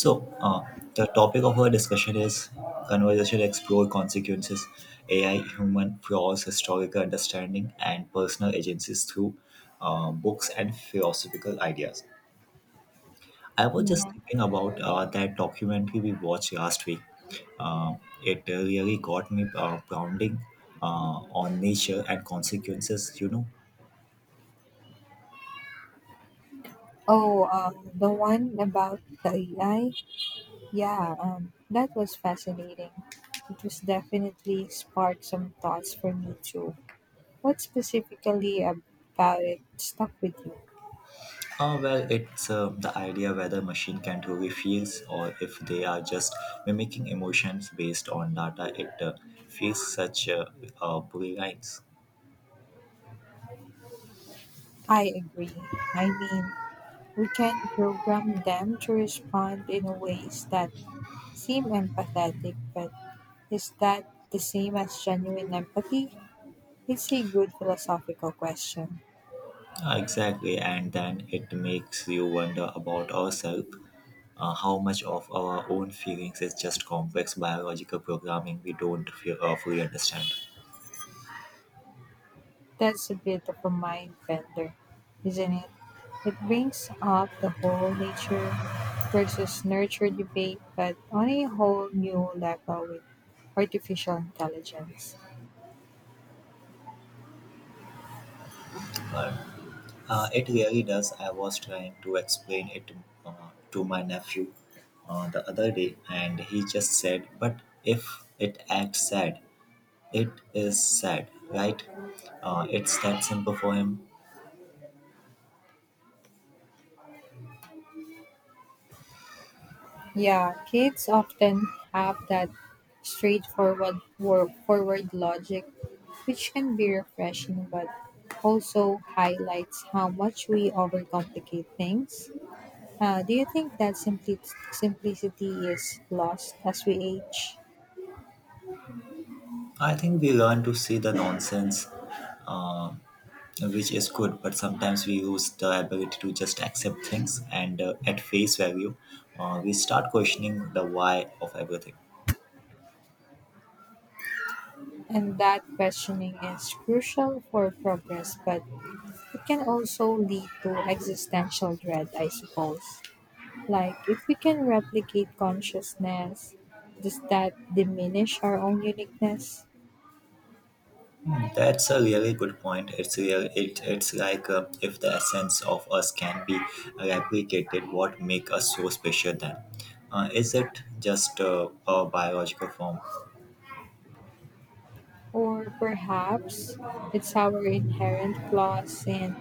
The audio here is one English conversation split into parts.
So, uh, the topic of our discussion is conversation explore consequences, AI, human flaws, historical understanding, and personal agencies through books and philosophical ideas. I was just Mhm. thinking about that documentary we watched last week. Uh, it really got me grounding on nature and consequences. Oh, the one about the AI? Yeah, that was fascinating. It was definitely sparked some thoughts for me too. What specifically about it stuck with you? Well, it's the idea whether machine can truly feels or if they are just mimicking emotions based on data. It feels such pulley lines. I agree. I mean, we can program them to respond in ways that seem empathetic, but is that the same as genuine empathy? It's a good philosophical question. Exactly, and then it makes you wonder about ourselves. How much of our own feelings is just complex biological programming we don't feel, fully understand. That's a bit of a mind bender, isn't it? It brings up the whole nature versus nurture debate, but on a whole new level with artificial intelligence. But it really does. I was trying to explain it to my nephew the other day, and he just said, "But if it acts sad, it is sad, right?" It's that simple for him. Yeah, kids often have that straightforward forward logic, which can be refreshing but also highlights how much we overcomplicate things. Do you think that simplicity is lost as we age? I think we learn to see the nonsense, uh, which is good, but sometimes we lose the ability to just accept things and at face value, we start questioning the why of everything. And that questioning is crucial for progress, but it can also lead to existential dread, I suppose. Like, if we can replicate consciousness, does that diminish our own uniqueness? That's a really good point. It's real. It's like if the essence of us can be replicated, what make us so special then? Is it just a biological form? Or perhaps it's our inherent flaws and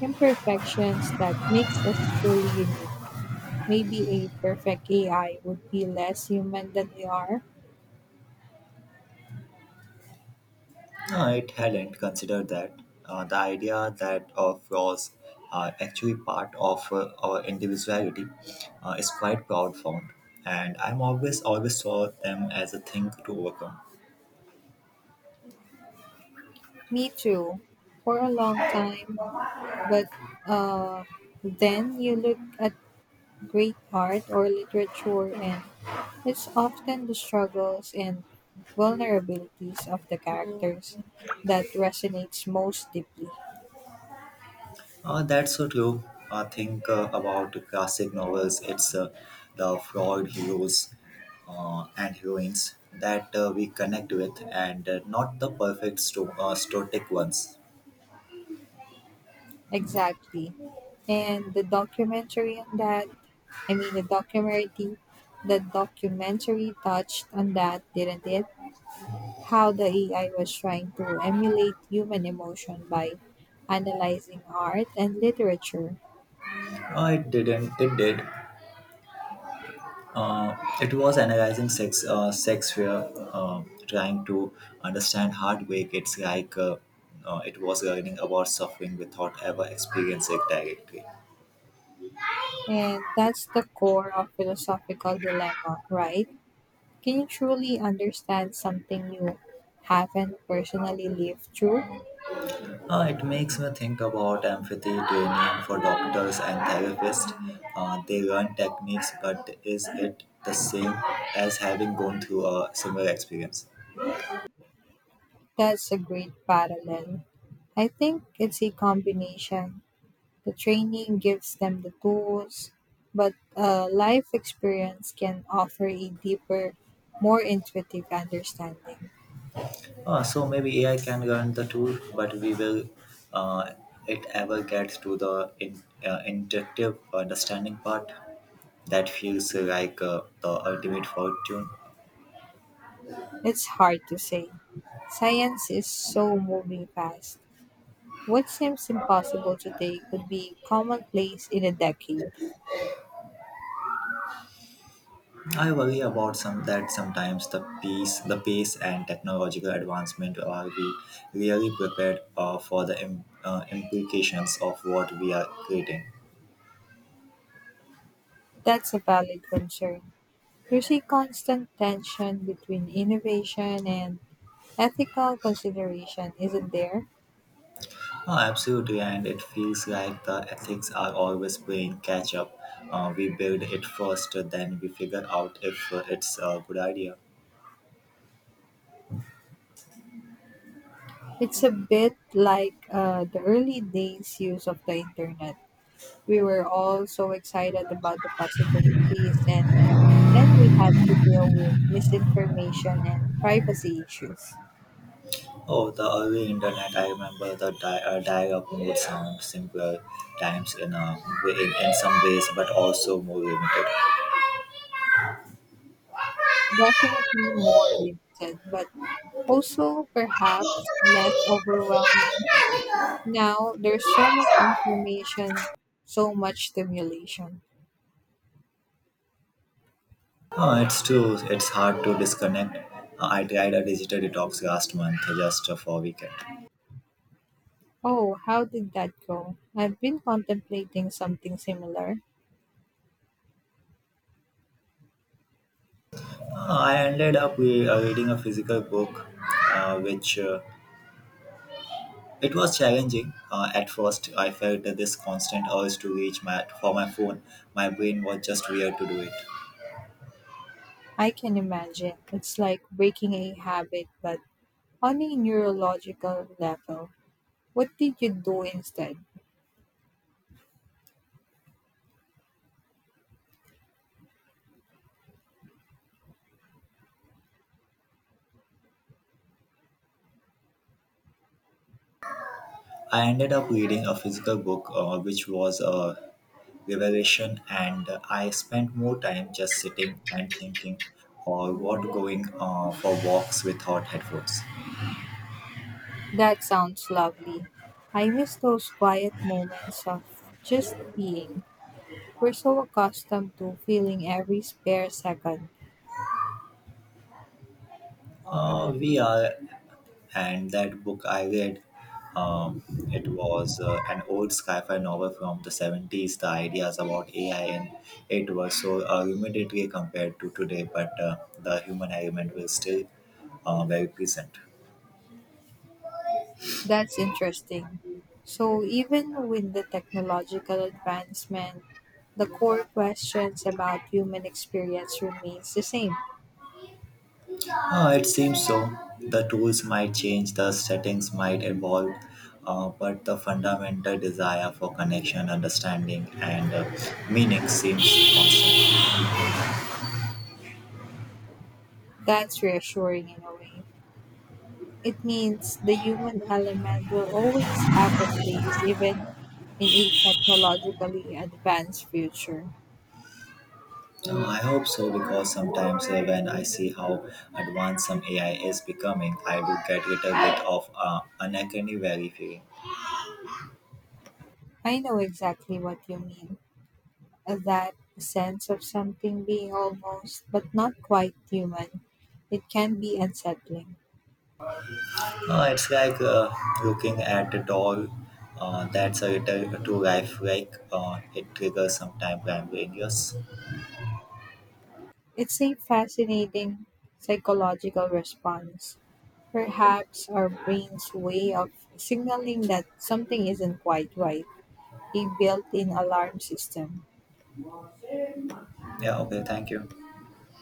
imperfections that makes us truly unique. Maybe a perfect AI would be less human than we are. No, it hadn't considered that. The idea that our flaws are actually part of our individuality is quite profound, and I'm always saw them as a thing to overcome. Me too. For a long time, but uh, then you look at great art or literature, and it's often the struggles and vulnerabilities of the characters that resonates most deeply. That's so true. I think about classic novels. It's the flawed heroes and heroines that we connect with, and not the perfect stoic ones. Exactly. And the documentary on that, I mean, the documentary touched on that, didn't it? How the AI was trying to emulate human emotion by analyzing art and literature. It didn't. It did. Uh, it was analyzing sex, sex fear, trying to understand heartbreak. It's like it was learning about suffering without ever experiencing it directly. And that's the core of philosophical dilemma, right? Can you truly understand something you haven't personally lived through? It makes me think about empathy training for doctors and therapists. They learn techniques, but is it the same as having gone through a similar experience? That's a great parallel. I think it's a combination. The training gives them the tools, but life experience can offer a deeper, more intuitive understanding. So maybe AI can learn the tool, but we will uh, it ever get to the intuitive understanding part that feels like the ultimate fortune. It's hard to say. Science is so moving fast. What seems impossible today could be commonplace in a decade. I worry about some that sometimes the pace and technological advancement are we really prepared for the implications of what we are creating. That's a valid concern. There's a constant tension between innovation and ethical consideration, isn't there? Oh, absolutely, and it feels like the ethics are always playing catch up. We build it first, then we figure out if it's a good idea. It's a bit like the early days use of the internet. We were all so excited about the possibilities, and then we had to deal with misinformation and privacy issues. Oh, the early internet. I remember the dial-up mode sound simpler times in some ways, but also more limited. Definitely more limited, but also, perhaps less overwhelming. Now, there's so much information, so much stimulation. Oh, it's true. It's hard to disconnect. I tried a digital detox last month, just for a weekend. Oh, how did that go? I've been contemplating something similar. I ended up reading a physical book, which it was challenging at first. I felt that this constant urge to reach my for my phone. My brain was just weird to do it. I can imagine. It's like breaking a habit, but on a neurological level. What did you do instead? I ended up reading a physical book, which was a revelation, and I spent more time just sitting and thinking, or what going for walks without headphones. That sounds lovely. I miss those quiet moments of just being. We're so accustomed to filling every spare second. We are, and that book I read, um, it was an old sci-fi novel from the 70s. The ideas about AI and it was so rudimentary compared to today, but the human element was still very present. That's interesting. So, even with the technological advancement, the core questions about human experience remains the same. It seems so. The tools might change, the settings might evolve, but the fundamental desire for connection, understanding, and meaning seems constant. That's reassuring in a way. It means the human element will always have a place even in a technologically advanced future. I hope so because sometimes when I see how advanced some AI is becoming, I do get a little bit of uncanny valley feeling. I know exactly what you mean. That sense of something being almost but not quite human. It can be unsettling. It's like looking at a doll that's a little too lifelike. It triggers some time brain yes. It's a fascinating psychological response. Perhaps our brain's way of signaling that something isn't quite right, a built in alarm system. Yeah, okay, thank you.